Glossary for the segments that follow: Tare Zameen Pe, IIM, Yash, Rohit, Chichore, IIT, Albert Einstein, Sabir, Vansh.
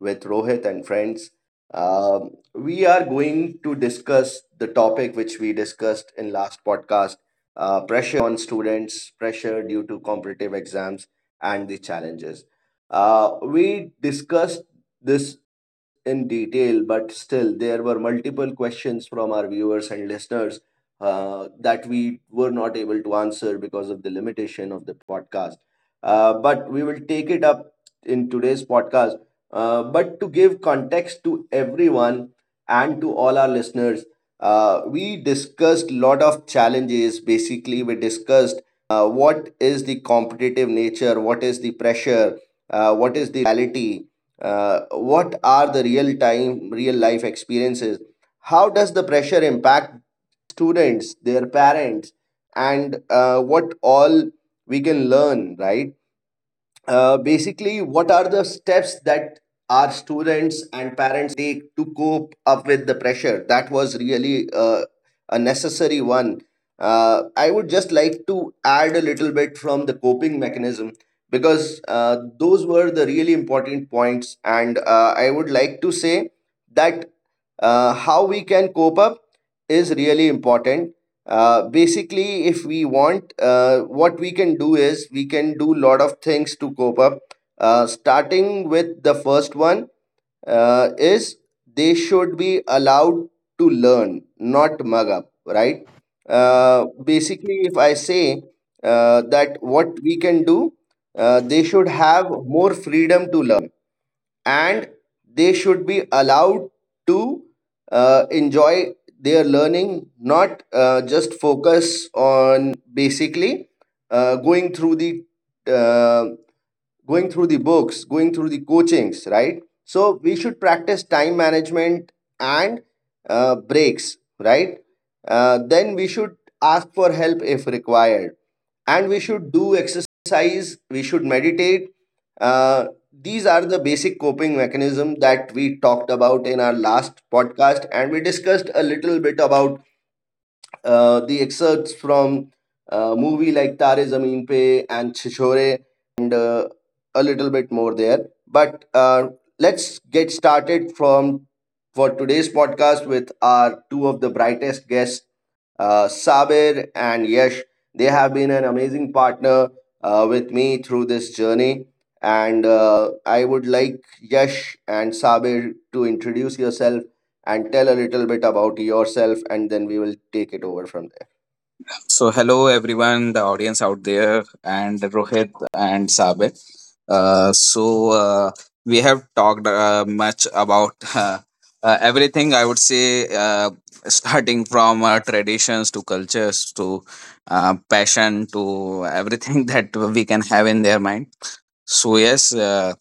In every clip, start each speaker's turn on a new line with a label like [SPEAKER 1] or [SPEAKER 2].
[SPEAKER 1] With Rohit and friends. We are going to discuss the topic which we discussed in last podcast: pressure on students, pressure due to competitive exams, and the challenges. We discussed this in detail, but still there were multiple questions from our viewers and listeners that we were not able to answer because of the limitation of the podcast, but we will take it up in today's podcast. But to give context to everyone and to all our listeners, we discussed lot of challenges. Basically, we discussed what is the competitive nature, what is the pressure, what is the reality, what are the real time, real life experiences. How does the pressure impact students, their parents, and what all we can learn, right? Basically, what are the steps that our students and parents take to cope up with the pressure? That was really a necessary one. I would just like to add a little bit from the coping mechanism because those were the really important points, and I would like to say that how we can cope up is really important, basically if we want, what we can do is we can do lot of things to cope up, starting with the first one, is they should be allowed to learn not mug up, right? Basically, if I say, that what we can do, they should have more freedom to learn and they should be allowed to enjoy their learning, not just focus on basically going through the, uh, going through the books, going through the coachings, right? So we should practice time management and breaks, right? Then we should ask for help if required. And we should do exercise, we should meditate. Uh, these are the basic coping mechanism that we talked about in our last podcast and we discussed a little bit about the excerpts from movie like Tare Zameen Pe and Chichore, uh, a little bit more there. But let's get started from for today's podcast with our two of the brightest guests, Sabir and Yash. They have been an amazing partner with me through this journey. And I would like Yash and Sabir to introduce yourself and tell a little bit about yourself and then we will take it over from there.
[SPEAKER 2] So, hello everyone, the audience out there, and Rohit and Sabir. Uh, so, uh, we have talked much about everything, I would say, starting from traditions to cultures to passion to everything that we can have in their mind. So, yes, uh,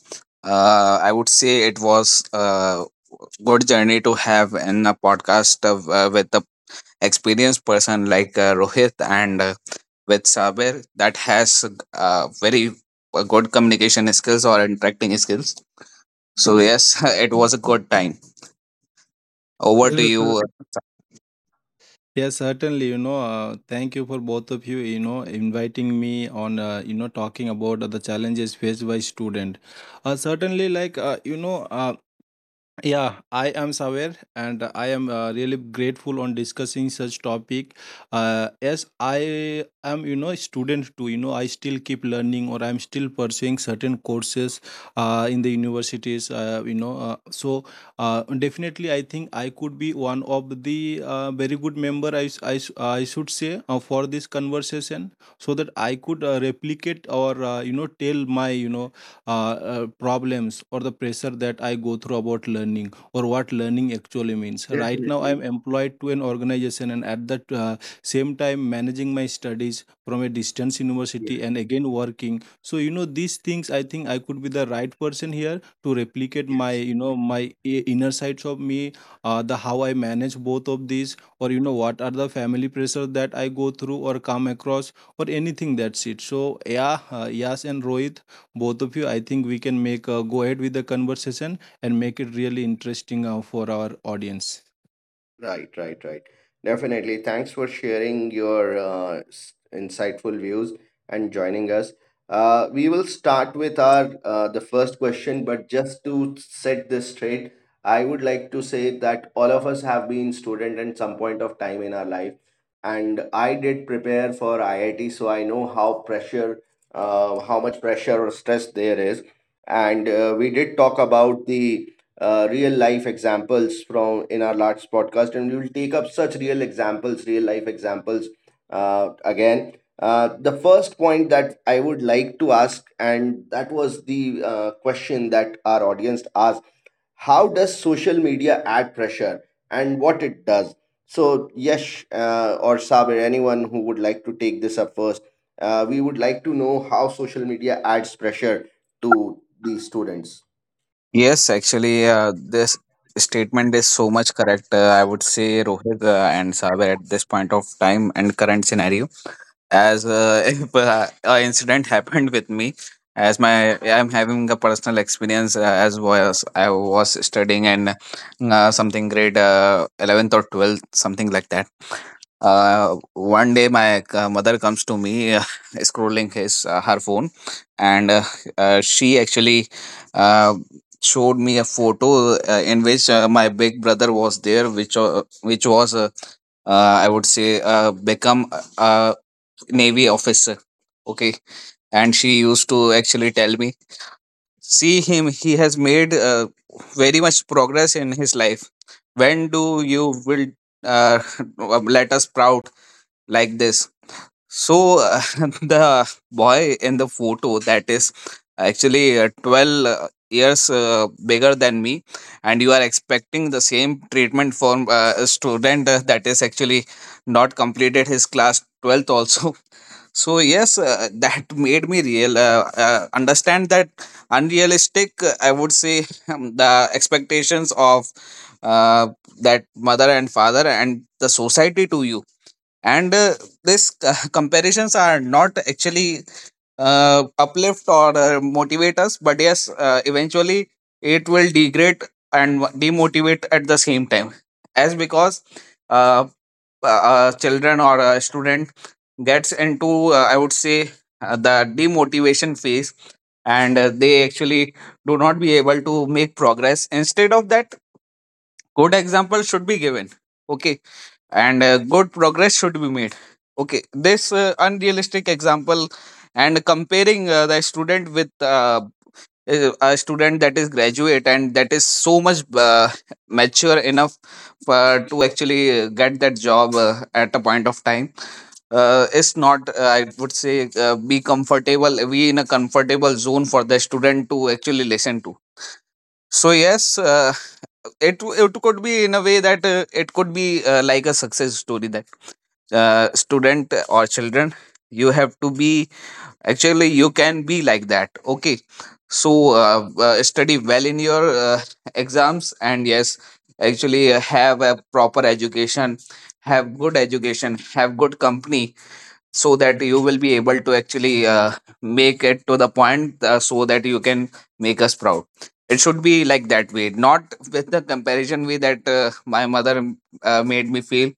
[SPEAKER 2] uh, I would say it was, good journey to have in a podcast of, with a experienced person like Rohit and with Saber that has very good communication skills or interacting skills. So yes, it was a good time. Over to
[SPEAKER 3] Yes, sir.
[SPEAKER 2] you.
[SPEAKER 3] Yes, certainly. Thank you for both of you inviting me on. Talking about the challenges faced by student. Certainly, yeah, I am Saver and I am really grateful on discussing such topic. Yes, I am, a student too, you know. I still keep learning, or I'm still pursuing certain courses in the universities. So Definitely I think I could be one of the very good member, I should say, for this conversation, so that I could replicate or tell my problems or the pressure that I go through about learning or what learning actually means. Right now, I am
[SPEAKER 1] Definitely.
[SPEAKER 3] employed to an organization, and at that same time managing my studies from a distance university
[SPEAKER 1] Yes.
[SPEAKER 3] and again working. So you know these things, I think I could be the right person here to replicate my
[SPEAKER 1] Yes.
[SPEAKER 3] my inner sides of me, the how I manage both of these, or you know what are the family pressure that I go through or come across, or anything. That's it. So yeah, yes, and Rohit, both of you, I think we can make go ahead with the conversation and make it really interesting for our audience.
[SPEAKER 1] Right, right, right. Definitely. Thanks for sharing your insightful views and joining us. We will start with our the first question, but just to set this straight, I would like to say that all of us have been student at some point of time in our life, and I did prepare for IIT, so I know how pressure, how much pressure or stress there is, and we did talk about the real life examples from in our last podcast and we will take up such real examples, real life examples, again. The first point that I would like to ask, and that was the question that our audience asked: how does social media add pressure and what it does? So Yash, or Sabir, anyone who would like to take this up first, we would like to know how social media adds pressure to the students,
[SPEAKER 2] Yes, actually, this statement is so much correct. I would say Rohit and Saber at this point of time and current scenario. As if a incident happened with me, as my I'm having a personal experience, as was I was studying and something grade 11th or 12th something like that. One day my mother comes to me, scrolling his her phone, and she actually uh, showed me a photo, in which my big brother was there, which was, I would say, become a, navy officer. Okay. And she used to actually tell me, see him, he has made very much progress in his life, when do you will uh, let us proud like this. So the boy in the photo, that is actually 12 years bigger than me, and you are expecting the same treatment from a student that is actually not completed his class 12th also. So yes, that made me real understand that unrealistic, I would say, the expectations of uh, that mother and father and the society to you, and this c- comparisons are not actually uplift or motivate us, but yes, eventually it will degrade and demotivate at the same time, as because uh, children or a student gets into, I would say, the demotivation phase, and they actually do not be able to make progress. Instead of that, good example should be given. Okay. And good progress should be made. Okay, this unrealistic example and comparing the student with a student that is graduate and that is so much mature enough to actually get that job at a point of time, is not, I would say, be comfortable, we in a comfortable zone for the student to actually listen to. So yes, it could be in a way that, it could be like a success story, that student or children, you have to be actually, you can be like that. Okay. So study well in your exams, and yes, actually, have a proper education, have good education, have good company, so that you will be able to actually make it to the point, so that you can make us proud. It should be like that way, not with the comparison way that my mother made me feel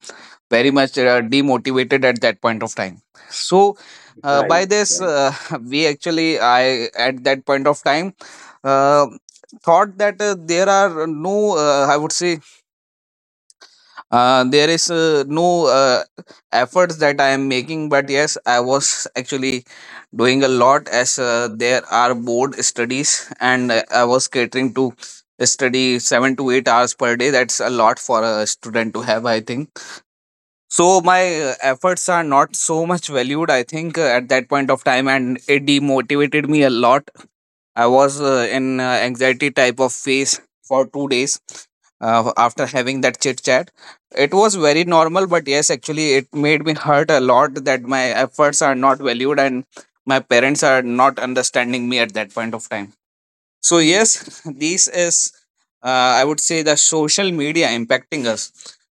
[SPEAKER 2] very much demotivated at that point of time. So
[SPEAKER 1] right?
[SPEAKER 2] by this, we actually I at that point of time uh, thought that, there are no I would say, there is no efforts that I am making. But yes, I was actually doing a lot, as there are board studies, and I was catering to study 7 to 8 hours per day. That's a lot for a student to have, I think. So my efforts are not so much valued, I think, at that point of time, and it demotivated me a lot. I was in anxiety type of phase for 2 days after having that chit chat. It was very normal, but yes, actually, it made me hurt a lot, that my efforts are not valued and my parents are not understanding me at that point of time. So yes, this is, I would say, the social media impacting us.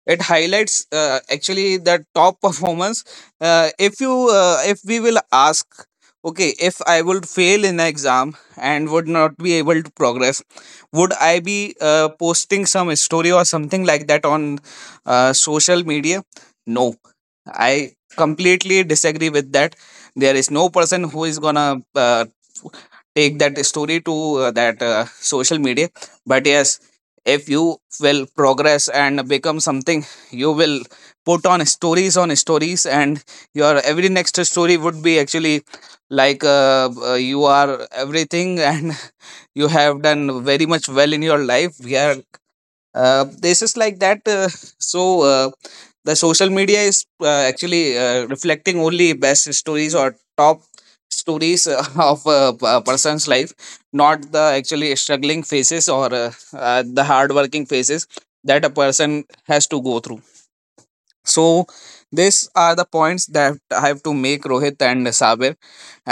[SPEAKER 2] It highlights, actually, the top performance. If we will ask, okay, if I would fail in an exam and would not be able to progress, would I be posting some story or something like that on social media? No, I completely disagree with that. There is no person who is gonna take that story to that social media. But yes, if you will progress and become something, you will put on stories on stories, and your every next story would be actually like, you are everything, and you have done very much well in your life. Yeah. This is like that. So the social media is actually reflecting only best stories or top stories, of a person's life, not the actually struggling phases or the hard working phases that a person has to go through. So these are the points that I have to make, Rohit and Sabir,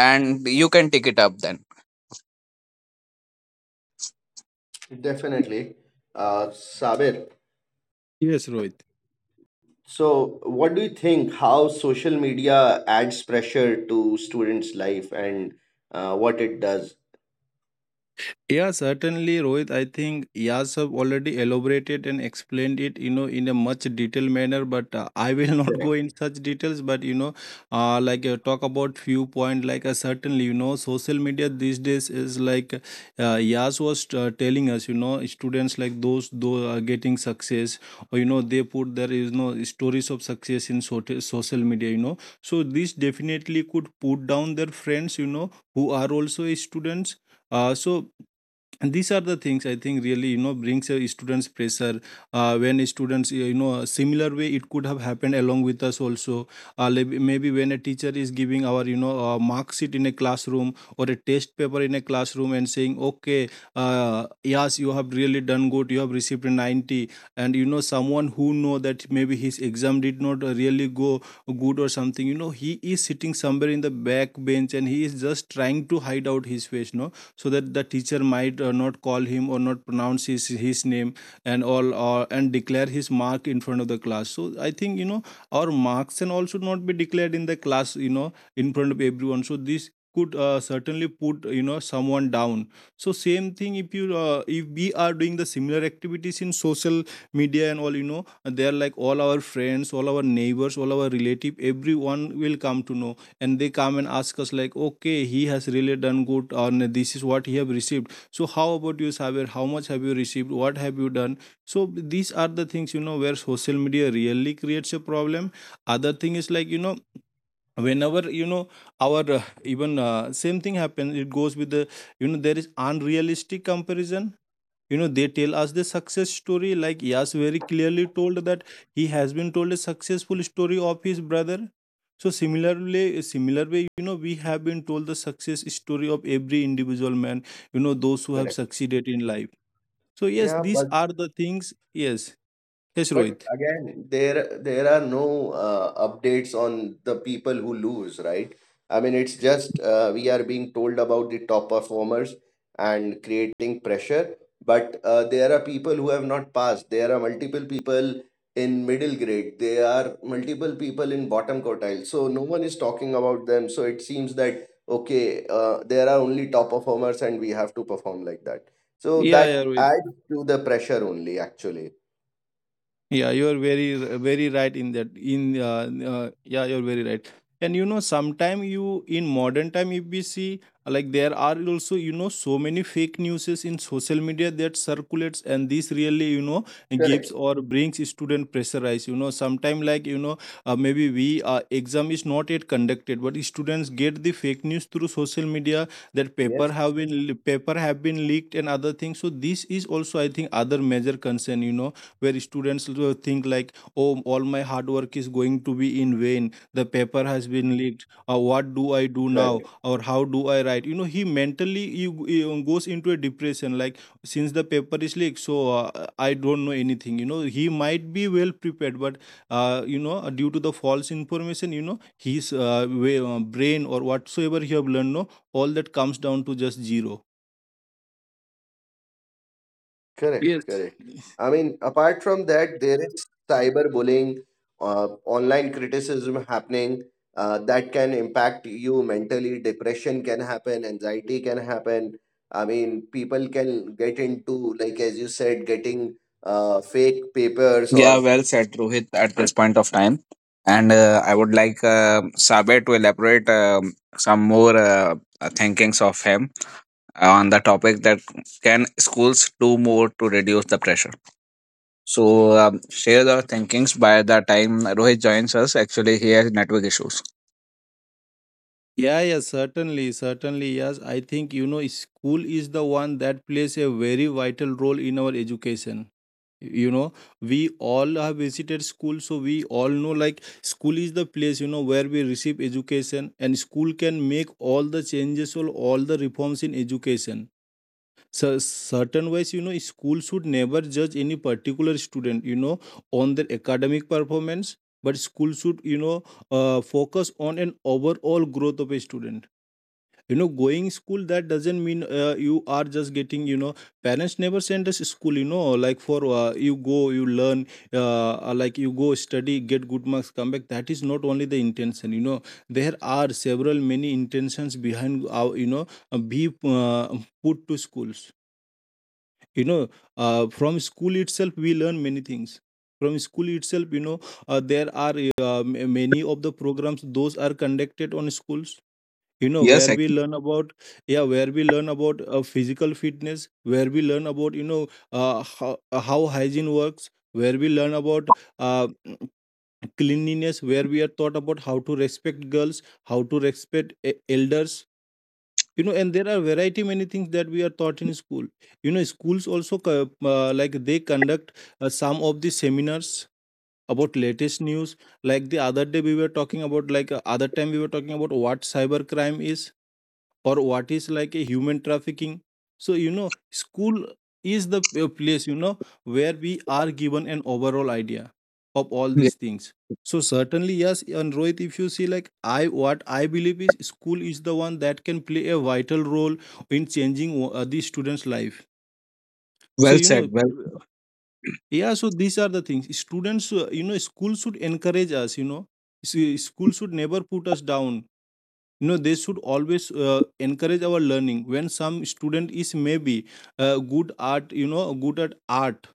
[SPEAKER 2] and you can take it up then.
[SPEAKER 1] Definitely. Sabir,
[SPEAKER 3] Yes, Rohit.
[SPEAKER 1] so what do you think, how social media adds pressure to students' life and what it does?
[SPEAKER 3] Yeah, certainly, Rohit. I think Yas have already elaborated and explained it, you know, in a much detailed manner. But I will not go
[SPEAKER 1] Correct,
[SPEAKER 3] in such details. But talk about few point. Certainly, you know, social media these days is like, Yas was telling us, you know, students like those are getting success, or you know, they put there, is no stories of success in social media. You know, so this definitely could put down their friends, you know, who are also students. So and these are the things, I think, really you know brings a students pressure when a students, you know, a similar way it could have happened along with us also. Maybe when a teacher is giving our mark sheet in a classroom, or a test paper in a classroom, and saying, okay, uh, yes, you have really done good, you have received a 90, and you know someone who know that maybe his exam did not really go good or something, you know, he is sitting somewhere in the back bench, and he is just trying to hide out his face, no, so that the teacher might not call him or not pronounce his name and all, and declare his mark in front of the class. So I think, you know, our marks and all should not be declared in the class, you know, in front of everyone. So this could certainly, put you know, someone down. So same thing if you if we are doing the similar activities in social media and all, you know, they're like all our friends, all our neighbors, all our relative, everyone will come to know, and they come and ask us like, okay, he has really done good on this, is what he have received, so how about you, Saber? How much have you received? What have you done? So these are the things, you know, where social media really creates a problem. Other thing is like, you know, whenever you know our even same thing happens, it goes with the, you know, there is unrealistic comparison. You know, they tell us the success story, like Yas very clearly told that he has been told a successful story of his brother. So similarly, similar way, you know, we have been told the success story of every individual man, you know, those who have
[SPEAKER 1] correct.
[SPEAKER 3] succeeded in life. So yes,
[SPEAKER 1] Yeah.
[SPEAKER 3] these are the things. Yes. Yes,
[SPEAKER 1] But
[SPEAKER 3] Rohit.
[SPEAKER 1] again, there are no updates on the people who lose, right? I mean, it's just we are being told about the top performers and creating pressure, but there are people who have not passed. There are multiple people in middle grade. There are multiple people in bottom quartile. So no one is talking about them. So it seems that okay, there are only top performers, and we have to perform like that. So
[SPEAKER 3] Yeah, yeah,
[SPEAKER 1] that
[SPEAKER 3] Rohit.
[SPEAKER 1] adds to the pressure only, actually.
[SPEAKER 3] Yeah, you're very very right in that. In Yeah, you're very right. And you know, sometime, you, in modern time, if we see, like, there are also, you know, so many fake newses in social media that circulates, and this really, you know, gives
[SPEAKER 1] Correct.
[SPEAKER 3] or brings student pressurize. You know, sometime like, maybe we exam is not yet conducted, but students get the fake news through social media that
[SPEAKER 1] Yes.
[SPEAKER 3] paper have been leaked and other things. So this is also, I think, other major concern, you know, where students will think like, oh, all my hard work is going to be in vain, the paper has been leaked, what do I do now,
[SPEAKER 1] Correct,
[SPEAKER 3] or how do I write. You know, he mentally you goes into a depression like, since the paper is leaked, so I don't know anything. You know, he might be well prepared, but due to the false information, you know, his brain or whatsoever he have learned, no, all that comes down to just zero.
[SPEAKER 1] correct,
[SPEAKER 3] Yes.
[SPEAKER 1] correct. I mean, apart from that, there is cyberbullying, online criticism happening, that can impact you mentally. Depression can happen, anxiety can happen. I mean, people can get into, like, as you said, getting fake papers
[SPEAKER 2] Yeah,
[SPEAKER 1] or
[SPEAKER 2] well said, Rohit, at this point of time. And I would like Sabe to elaborate, some more thinkings of him on the topic that, can schools do more to reduce the pressure? So share the thinkings by the time Rohit joins us. Actually, he has network issues.
[SPEAKER 3] Yeah, yeah, certainly, certainly, yes. I think, you know, school is the one that plays a very vital role in our education. You know, we all have visited school, so we all know like school is the place, you know, where we receive education, and school can make all the changes or all the reforms in education. So certain ways, you know, school should never judge any particular student, you know, on their academic performance, but school should, focus on an overall growth of a student. You know, going school, that doesn't mean, you are just getting, you know, parents never send us school, you know, like for you go, you learn, you go study, get good marks, come back, that is not only the intention. You know, there are several many intentions behind our you know be put to schools. You know, from school itself we learn many things. From school itself, you know, there are many of the programs those are conducted on schools, you know,
[SPEAKER 2] Yes,
[SPEAKER 3] where we learn about, yeah, where we learn about physical fitness, where we learn about, you know, how hygiene works, where we learn about uh, cleanliness, where we are taught about how to respect girls, how to respect elders, you know. And there are variety many things that we are taught in school. You know, schools also like they conduct some of the seminars about latest news, like the other day we were talking about like other time we were talking about what cyber crime is, or what is like a human trafficking. So you know, school is the place, you know, where we are given an overall idea of all
[SPEAKER 2] yeah,
[SPEAKER 3] these things. So certainly, yes and Rohit, if you see like, I, what I believe is, school is the one that can play a vital role in changing the students life. So
[SPEAKER 2] well
[SPEAKER 3] you
[SPEAKER 2] said.
[SPEAKER 3] know,
[SPEAKER 2] Well,
[SPEAKER 3] yeah, so these are the things, students, school should encourage us. You know, school should never put us down, no, they should always encourage our learning. When some student is maybe good at art,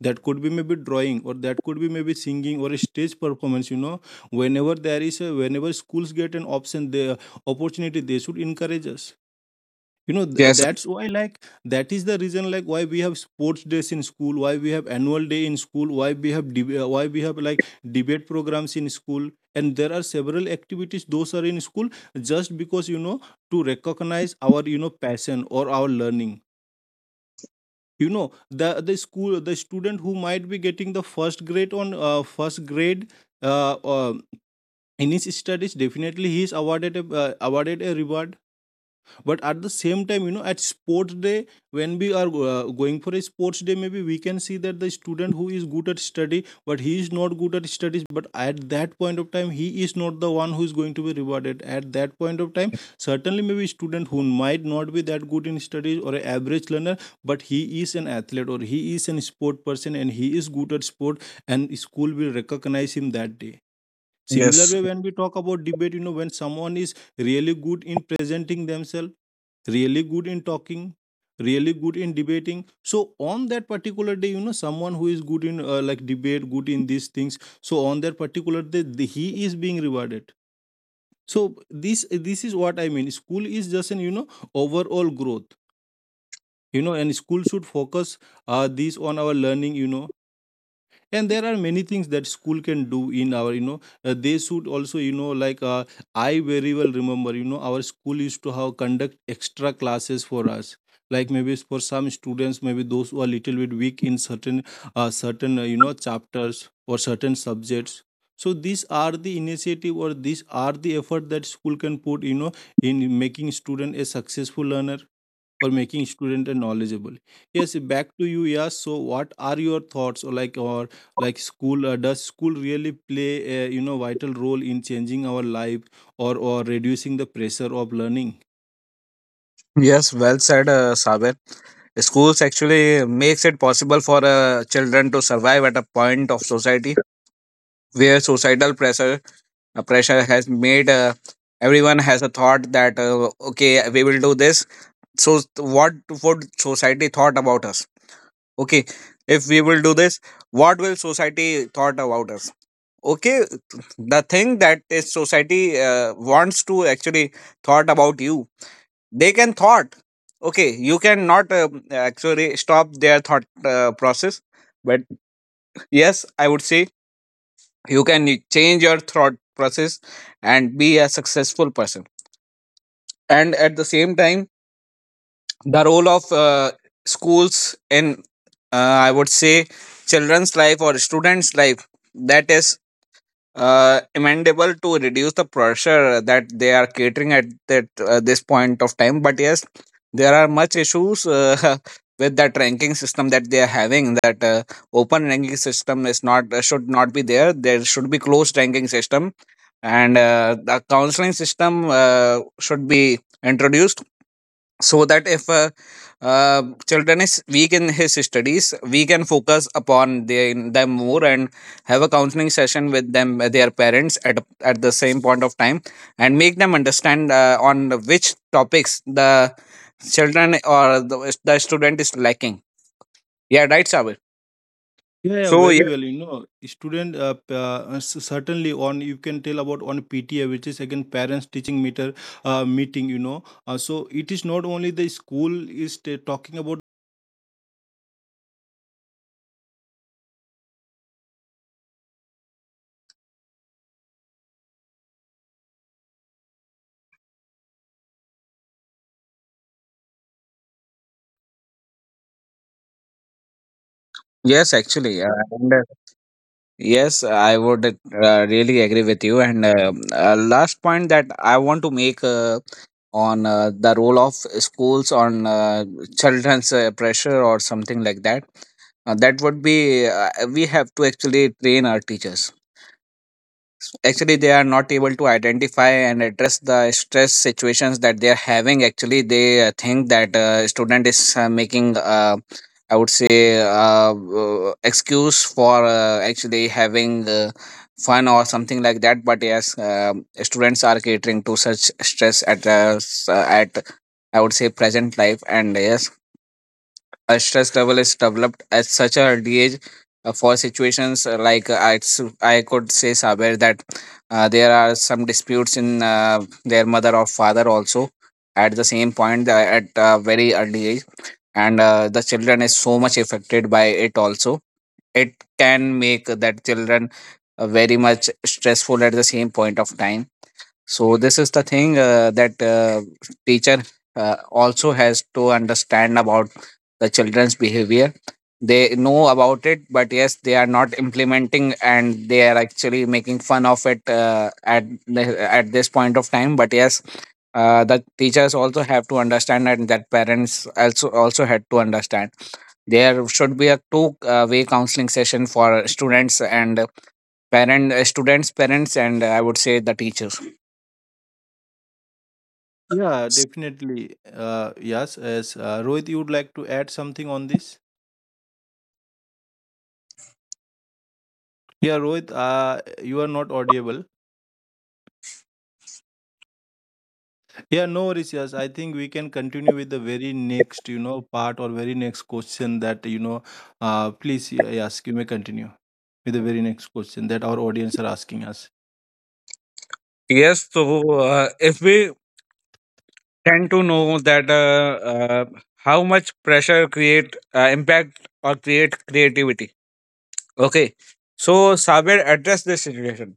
[SPEAKER 3] that could be maybe drawing, or that could be maybe singing, or a stage performance, you know, whenever there is a, whenever schools get an option, the opportunity, they should encourage us. You know,
[SPEAKER 2] yes,
[SPEAKER 3] that's why, like, that is the reason, like, why we have sports days in school, why we have annual day in school, why we have why we have like debate programs in school, and there are several activities those are in school, just because, you know, to recognize our, you know, passion or our learning. You know, the school, the student who might be getting the first grade on first grade uh, uh, in his studies, definitely he is awarded a, awarded a reward. But at the same time, you know, at sports day, when we are going for a sports day, maybe we can see that the student who is good at study, but he is not good at studies, but at that point of time, he is not the one who is going to be rewarded. At that point of time, certainly, maybe a student who might not be that good in studies, or an average learner, but he is an athlete, or he is an sport person, and he is good at sport, and school will recognize him that day. Similar
[SPEAKER 2] yes,
[SPEAKER 3] way, when we talk about debate, you know, when someone is really good in presenting themselves, really good in talking, really good in debating. So on that particular day, someone who is good in like debate, good in these things. So on that particular day, he is being rewarded. So this is what I mean. School is just an overall growth. And school should focus this on our learning. And there are many things that school can do in our, they should also, I very well remember, our school used to have conduct extra classes for us, like maybe for some students, maybe those who are little bit weak in certain chapters or certain subjects. So these are the initiative or these are the effort that school can put, in making student a successful learner, for making student and knowledgeable. Yes, back to you. Yeah, so what are your thoughts, or like school, does school really play a, vital role in changing our life, or reducing the pressure of learning?
[SPEAKER 2] yes, well said, Sabe. Schools actually makes it possible for children to survive at a point of society where societal pressure has made everyone has a thought that, okay, we will do this, so what would society thought about us? Okay, if we will do this, what will society thought about us? Okay, the thing that is society wants to actually thought about you, they can thought. Okay, you can not actually stop their thought process. But yes, I would say you can change your thought process and be a successful person. And at the same time, the role of schools in, I would say, children's life or students life, that is amendable to reduce the pressure that they are catering at that this point of time. But yes, there are much issues with that ranking system that they are having. That open ranking system is not should not be there. There should be closed ranking system, and the counseling system should be introduced, so that if uh, children is weak in his studies, we can focus upon them more, and have a counseling session with them, their parents, at the same point of time, and make them understand on which topics the children or the student is lacking. Yeah, right, Sabir.
[SPEAKER 3] Yeah, yeah,
[SPEAKER 2] So
[SPEAKER 3] very
[SPEAKER 2] yeah.
[SPEAKER 3] well. Certainly on you can tell about on PTA, which is again parents teaching meter meeting. So it is not only the school is talking about.
[SPEAKER 2] Yes, actually, yeah. Yes, I would really agree with you. And last point that I want to make on the role of schools on children's pressure or something like that, that would be, we have to actually train our teachers. Actually, they are not able to identify and address the stress situations that they are having. Actually, they think that student is making, I would say, excuse for actually having fun or something like that. But yes, students are catering to such stress at at, I would say, present life. And yes, a stress level is developed at such a early age, for situations like, I could say, Saber, that there are some disputes in their mother or father also at the same point, at a very early age. And the children is so much affected by it. Also, it can make that children very much stressful at the same point of time. So this is the thing that teacher also has to understand about the children's behavior. They know about it, but yes, they are not implementing, and they are actually making fun of it, at this point of time. But yes, the teachers also have to understand, and that parents also had to understand. There should be a two way counseling session for students, parents, and I would say, the teachers.
[SPEAKER 3] Yeah, definitely. Yes, yes. Rohit, you would like to add something on this? Yeah, Rohit, you are not audible. Yeah, no worries. Yes, I think we can continue with the very next, part or very next question that, please, yes, you may continue with the very next question that our audience are asking us.
[SPEAKER 2] Yes, so if we tend to know that, how much pressure create impact or create creativity. Okay, so Saber, address this situation.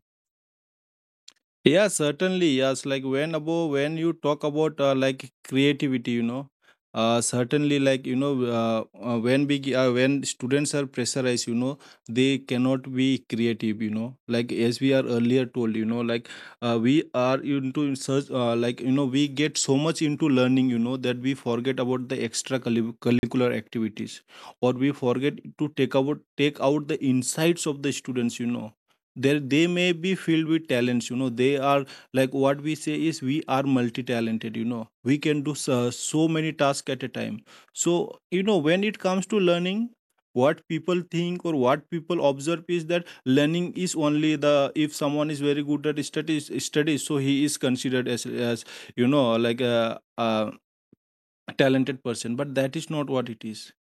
[SPEAKER 3] Yeah, certainly. Yes, like when about when you talk about like creativity, certainly like, when we when students are pressurized, they cannot be creative. You know, like, as we are earlier told, we are into such like, we get so much into learning, that we forget about the extra curricular activities, or we forget to take out the insights of the students. There they may be filled with talents, they are, like what we say is, we are multi talented, we can do so, so many tasks at a time. So, when it comes to learning, what people think or what people observe is that learning is only the, if someone is very good at studies, so he is considered as, like a talented person. But that is not what it is,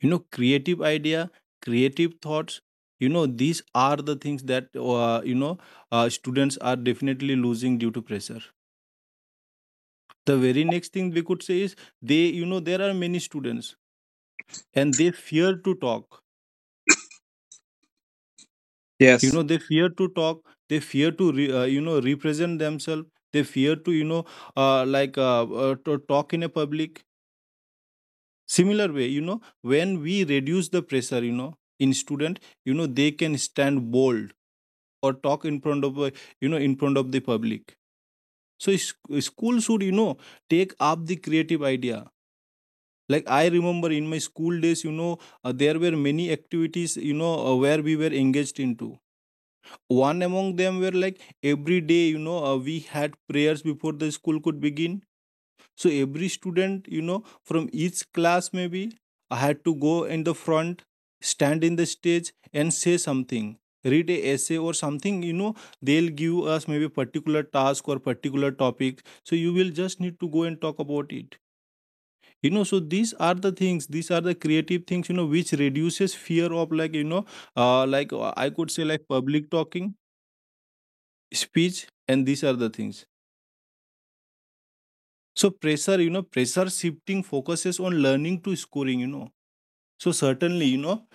[SPEAKER 3] creative idea, creative thoughts, these are the things that, students are definitely losing due to pressure. The very next thing we could say is, they, there are many students and they fear to talk,
[SPEAKER 2] Yes.
[SPEAKER 3] they fear to talk, they fear to represent themselves, they fear to, to talk in a public. Similar way, when we reduce the pressure, in student, they can stand bold or talk in front of, in front of the public. So school should, take up the creative idea, like I remember in my school days, there were many activities, where we were engaged into. One among them were like, every day, we had prayers before the school could begin. So every student, from each class maybe, I had to go in the front, stand in the stage and say something, read a essay or something. They'll give us maybe particular task or particular topic. So you will just need to go and talk about it. So these are the things, these are the creative things, which reduces fear of, like, I could say like public talking, speech, and these are the things. So pressure, pressure shifting focuses on learning to scoring, So certainly,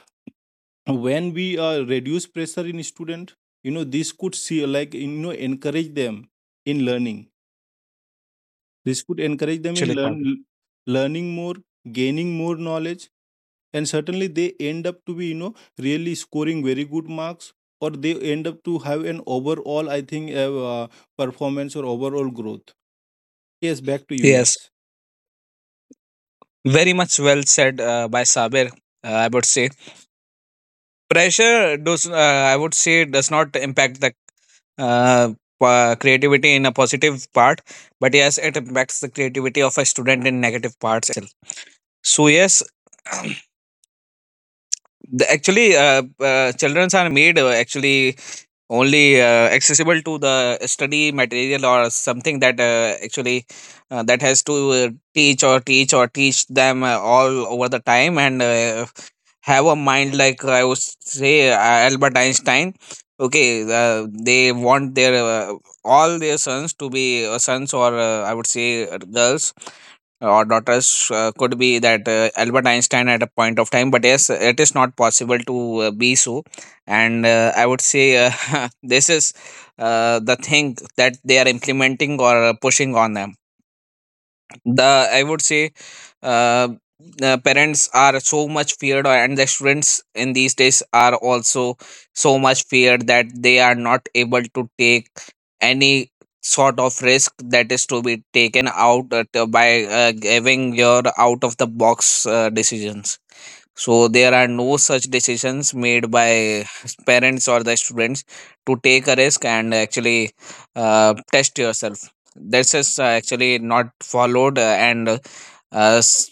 [SPEAKER 3] when we reduce pressure in student, this could see, like, encourage them in learning, this could encourage them in
[SPEAKER 2] Actually,
[SPEAKER 3] learn
[SPEAKER 2] Sabir.
[SPEAKER 3] learning more, gaining more knowledge, and certainly they end up to be, really scoring very good marks, or they end up to have an overall, I think, performance or overall growth. Yes, back to you.
[SPEAKER 2] Yes,
[SPEAKER 3] Yes,
[SPEAKER 2] very much well said by Sabir. I would say pressure does. I would say does not impact the uh, creativity in a positive part, but yes, it impacts the creativity of a student in negative parts itself. So yes, actually, childrens are made actually only accessible to the study material or something that actually that has to teach them all over the time, and have a mind like, I would say, Albert Einstein. Okay, they want their all their sons to be sons, or I would say girls or daughters, could be that Albert Einstein at a point of time, but yes, it is not possible to be so. And I would say this is the thing that they are implementing or pushing on them. The, I would say, uh, parents are so much feared and the students in these days are also so much feared, that they are not able to take any sort of risk that is to be taken out by giving your out of the box decisions, so there are no such decisions made by parents or the students to take a risk and actually test yourself. That's just actually not followed, and s-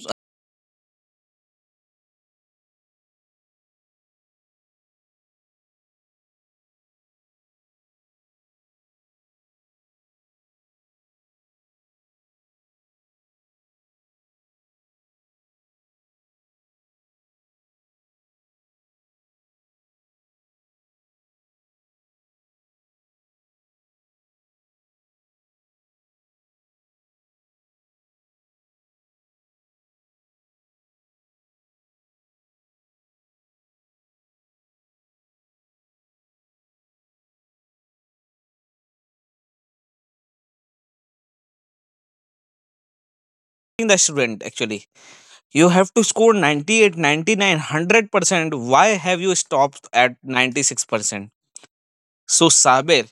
[SPEAKER 2] the student actually. You have to score 98, 100%. Why have you stopped at 96%? So, Sabir,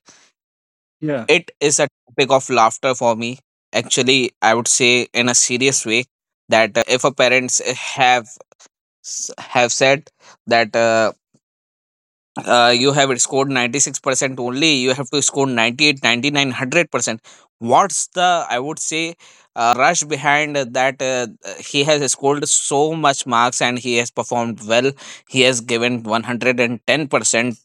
[SPEAKER 3] yeah,
[SPEAKER 2] it is a topic of laughter for me. Actually, I would say in a serious way that if a parents have said that, you have scored 96% only, you have to score 98, 100%. What's the, I would say rush behind that? He has scored so much marks and he has performed well, he has given 110%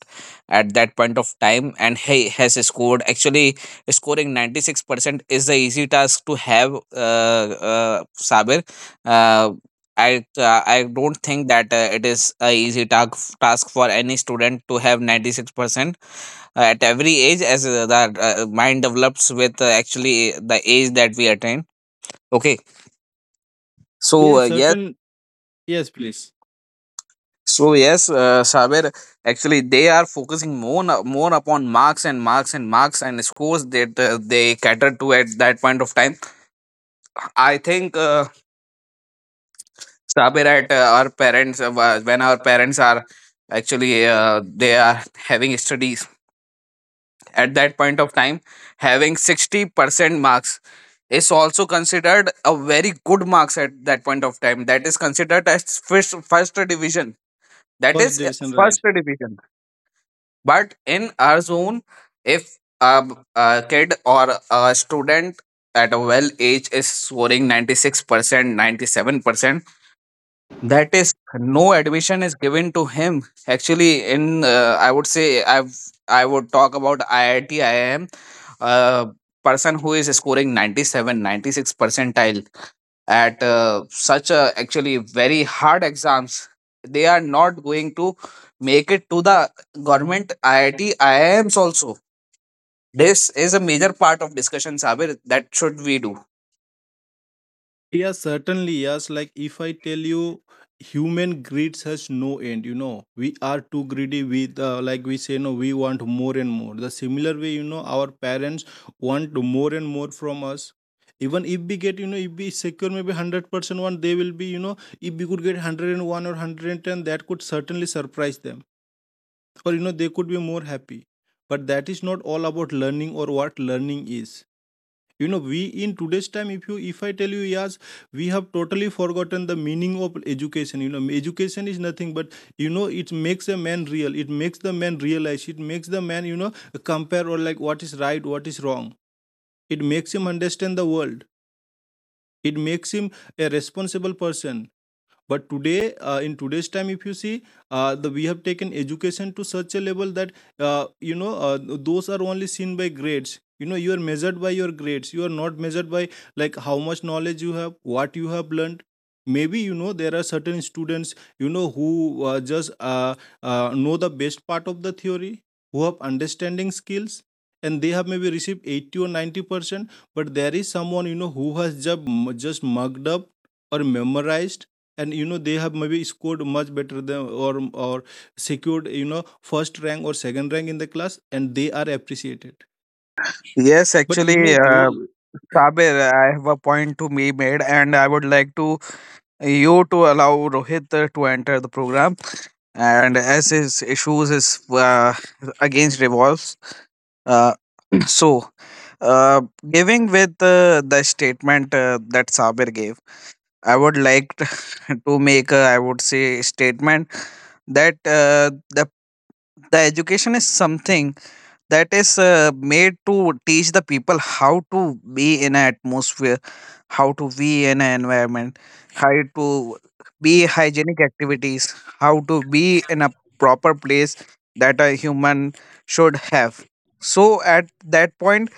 [SPEAKER 2] at that point of time, and he has scored, actually scoring 96%, is the easy task to have. Sabir, uh, I don't think that it is a easy task for any student to have 96% at every age, as the mind develops with, actually, the age that we attain. Okay,
[SPEAKER 3] yeah
[SPEAKER 2] so
[SPEAKER 3] certain, yes, please,
[SPEAKER 2] Saber, actually they are focusing more upon marks and marks and marks and scores that they cater to at that point of time. I think, Saber, at our parents wa- when our parents are actually, they are having studies at that point of time, having 60% marks is also considered a very good marks at that point of time. That is considered as first division, that
[SPEAKER 3] first
[SPEAKER 2] is
[SPEAKER 3] division,
[SPEAKER 2] first
[SPEAKER 3] right?
[SPEAKER 2] division. But in our zone, if a kid or a student at a well age is scoring 96%, 97%, that is, no admission is given to him. Actually, in I would say, I would talk about IIT, IIM, uh, person who is scoring 97, 96 percentile at such a actually very hard exams, they are not going to make it to the government IIT, IIMs also. This is a major part of discussion, Sabir. That should we do.
[SPEAKER 3] Yeah, certainly. Yes. Like if I tell you, human greed has no end. You know, we are too greedy. With, like we say, no, we want more and more. The similar way, our parents want more and more from us. Even if we get, if we secure maybe 100% one, they will be, if we could get 101 or 110, that could certainly surprise them, or, they could be more happy. But that is not all about learning or what learning is. We in today's time, if you, if I tell you, yes, we have totally forgotten the meaning of education. Education is nothing, but, it makes a man real, it makes the man realize, it makes the man, compare or like what is right, what is wrong. It makes him understand the world, it makes him a responsible person. But today, in today's time, if you see, the we have taken education to such a level that, uh, you know uh, those are only seen by grades. You are measured by your grades, you are not measured by like how much knowledge you have, what you have learned. Maybe, there are certain students, who, just know the best part of the theory, who have understanding skills and they have maybe received 80 or 90 percent. But there is someone, who has just mugged up or memorized, and they have maybe scored much better than, or secured, first rank or second rank in the class, and they are appreciated.
[SPEAKER 2] Yes,
[SPEAKER 3] But
[SPEAKER 2] actually,
[SPEAKER 3] those
[SPEAKER 2] Sabir, I have a point to be made, and I would like to you to allow Rohit to enter the program. And as his issues is against revolves, uh, so uh, giving with the statement that Sabir gave, I would like to make a, I would say, statement that the education is something that is made to teach the people how to be in an atmosphere, how to be in an environment, how to be hygienic activities, how to be in a proper place that a human should have. So at that point,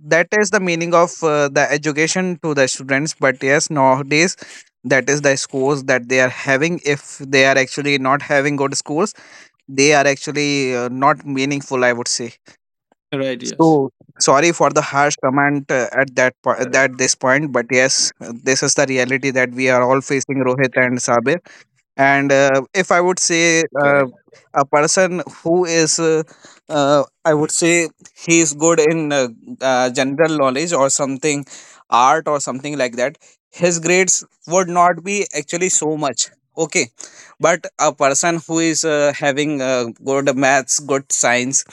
[SPEAKER 2] that is the meaning of the education to the students, but yes, nowadays that is the scores that they are having. If they are actually not having good scores, they are actually not meaningful, I would say.
[SPEAKER 3] right, yes,
[SPEAKER 2] So sorry for the harsh comment, at this point, but yes, this is the reality that we are all facing, Rohit and Sabir. And if I would say,
[SPEAKER 1] Correct.
[SPEAKER 2] a person who is, I would say, he is good in, general knowledge or something, art or something like that, his grades would not be actually so much. Okay, but a person who is having good maths, good science,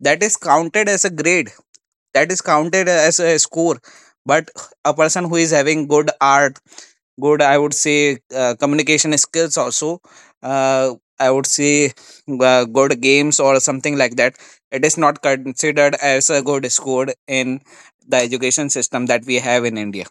[SPEAKER 2] that is counted as a grade, that is counted as a score. But a person who is having good art, good, I would say communication skills, also, uh, I would say, good games or something like that, it is not considered as a good score in the education system that we have in India.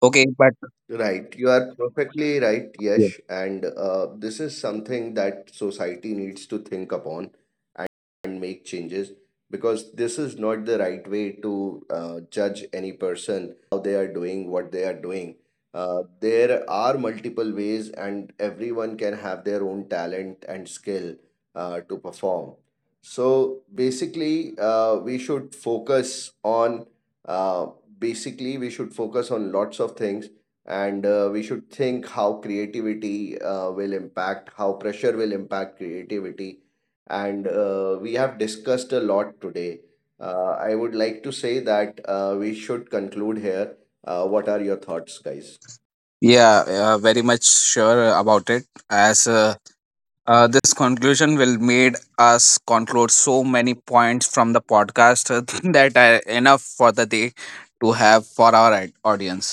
[SPEAKER 2] Okay, but
[SPEAKER 1] Right. You are perfectly right,
[SPEAKER 2] yeah,
[SPEAKER 1] Yash. And this is something that society needs to think upon and make changes because this is not the right way to judge any person, they are doing, what they are doing. There are multiple ways, and everyone can have their own talent and skill to perform. So basically, we should focus on uh, basically, we should focus on lots of things and we should think how creativity will impact, how pressure will impact creativity, and we have discussed a lot today. I would like to say that we should conclude here. What are your thoughts, guys?
[SPEAKER 2] yeah, very much sure about it. As This conclusion will made us conclude so many points from the podcast that are enough for the day to have for our audience.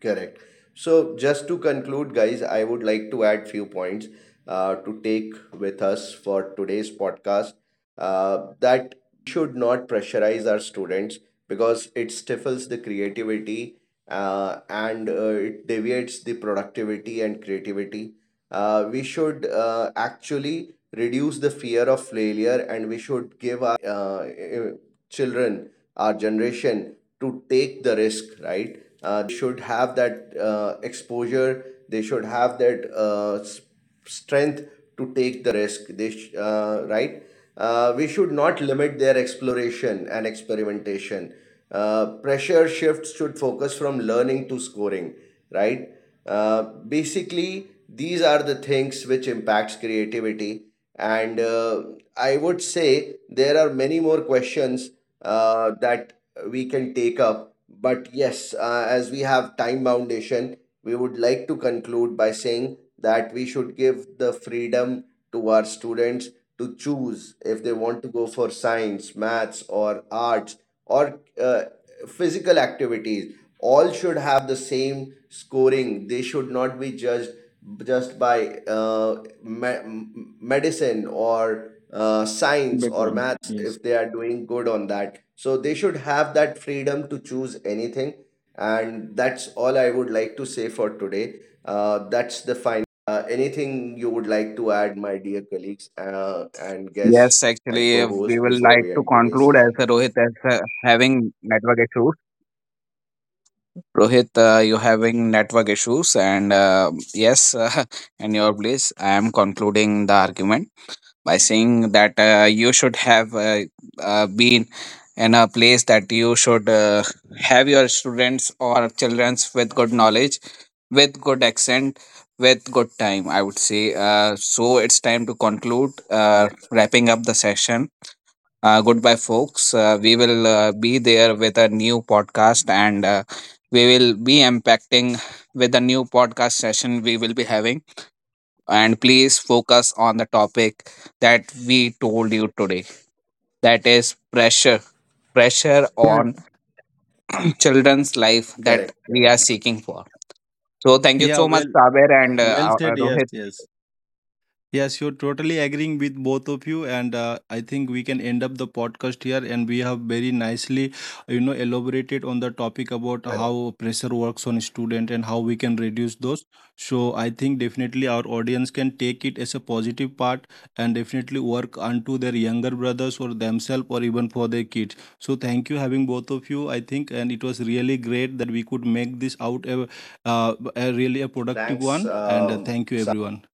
[SPEAKER 1] Correct. So just to conclude, guys, I would like to add few points to take with us for today's podcast. That should not pressurize our students because it stifles the creativity, and it deviates the productivity and creativity. We should actually reduce the fear of failure and we should give our children, our generation, to take the risk, right? Should have that exposure, they should have that strength to take the risk, right? We should not limit their exploration and experimentation. Pressure shifts should focus from learning to scoring, right? Basically, these are the things which impacts creativity, and I would say there are many more questions that we can take up. But yes, as we have time foundation, we would like to conclude by saying that we should give the freedom to our students to choose if they want to go for science, maths, or arts, or physical activities. All should have the same scoring, they should not be judged just by medicine or science or
[SPEAKER 3] background.
[SPEAKER 1] maths.
[SPEAKER 3] Yes.
[SPEAKER 1] If they are doing good on that, so they should have that freedom to choose anything. And that's all I would like to say for today. That's the final. Anything you would like to add, my dear colleagues, and guests
[SPEAKER 2] Yes,
[SPEAKER 1] and
[SPEAKER 2] actually, we
[SPEAKER 1] co-host,
[SPEAKER 2] will
[SPEAKER 1] before
[SPEAKER 2] like
[SPEAKER 1] we
[SPEAKER 2] to
[SPEAKER 1] end today's
[SPEAKER 2] conclude, as
[SPEAKER 1] session?
[SPEAKER 2] Rohit as having network issues. Rohit, you having network issues, and yes, in your place, I am concluding the argument by saying that you should have been in a place, that you should have your students or childrens with good knowledge, with good accent, with good time, I would say. So it's time to conclude, wrapping up the session. Goodbye folks, we will be there with a new podcast, and we will be impacting with a new podcast session we will be having. And please focus on the topic that we told you today, that is pressure
[SPEAKER 3] Yeah,
[SPEAKER 2] on children's life that
[SPEAKER 1] Correct.
[SPEAKER 2] we are seeking for. So thank you
[SPEAKER 3] yeah,
[SPEAKER 2] so much,
[SPEAKER 3] well,
[SPEAKER 2] Saber, and
[SPEAKER 3] well said. Yes,
[SPEAKER 2] Rohit.
[SPEAKER 3] yes. Yes, you're totally agreeing with both of you, and I think we can end up the podcast here. And we have very nicely, elaborated on the topic about how pressure works on student and how we can reduce those. So I think definitely our audience can take it as a positive part and definitely work unto their younger brothers or themselves or even for their kids. So thank you having both of you. I think, and it was really great that we could make this out a really a productive
[SPEAKER 1] Thanks.
[SPEAKER 3] one. And thank you everyone.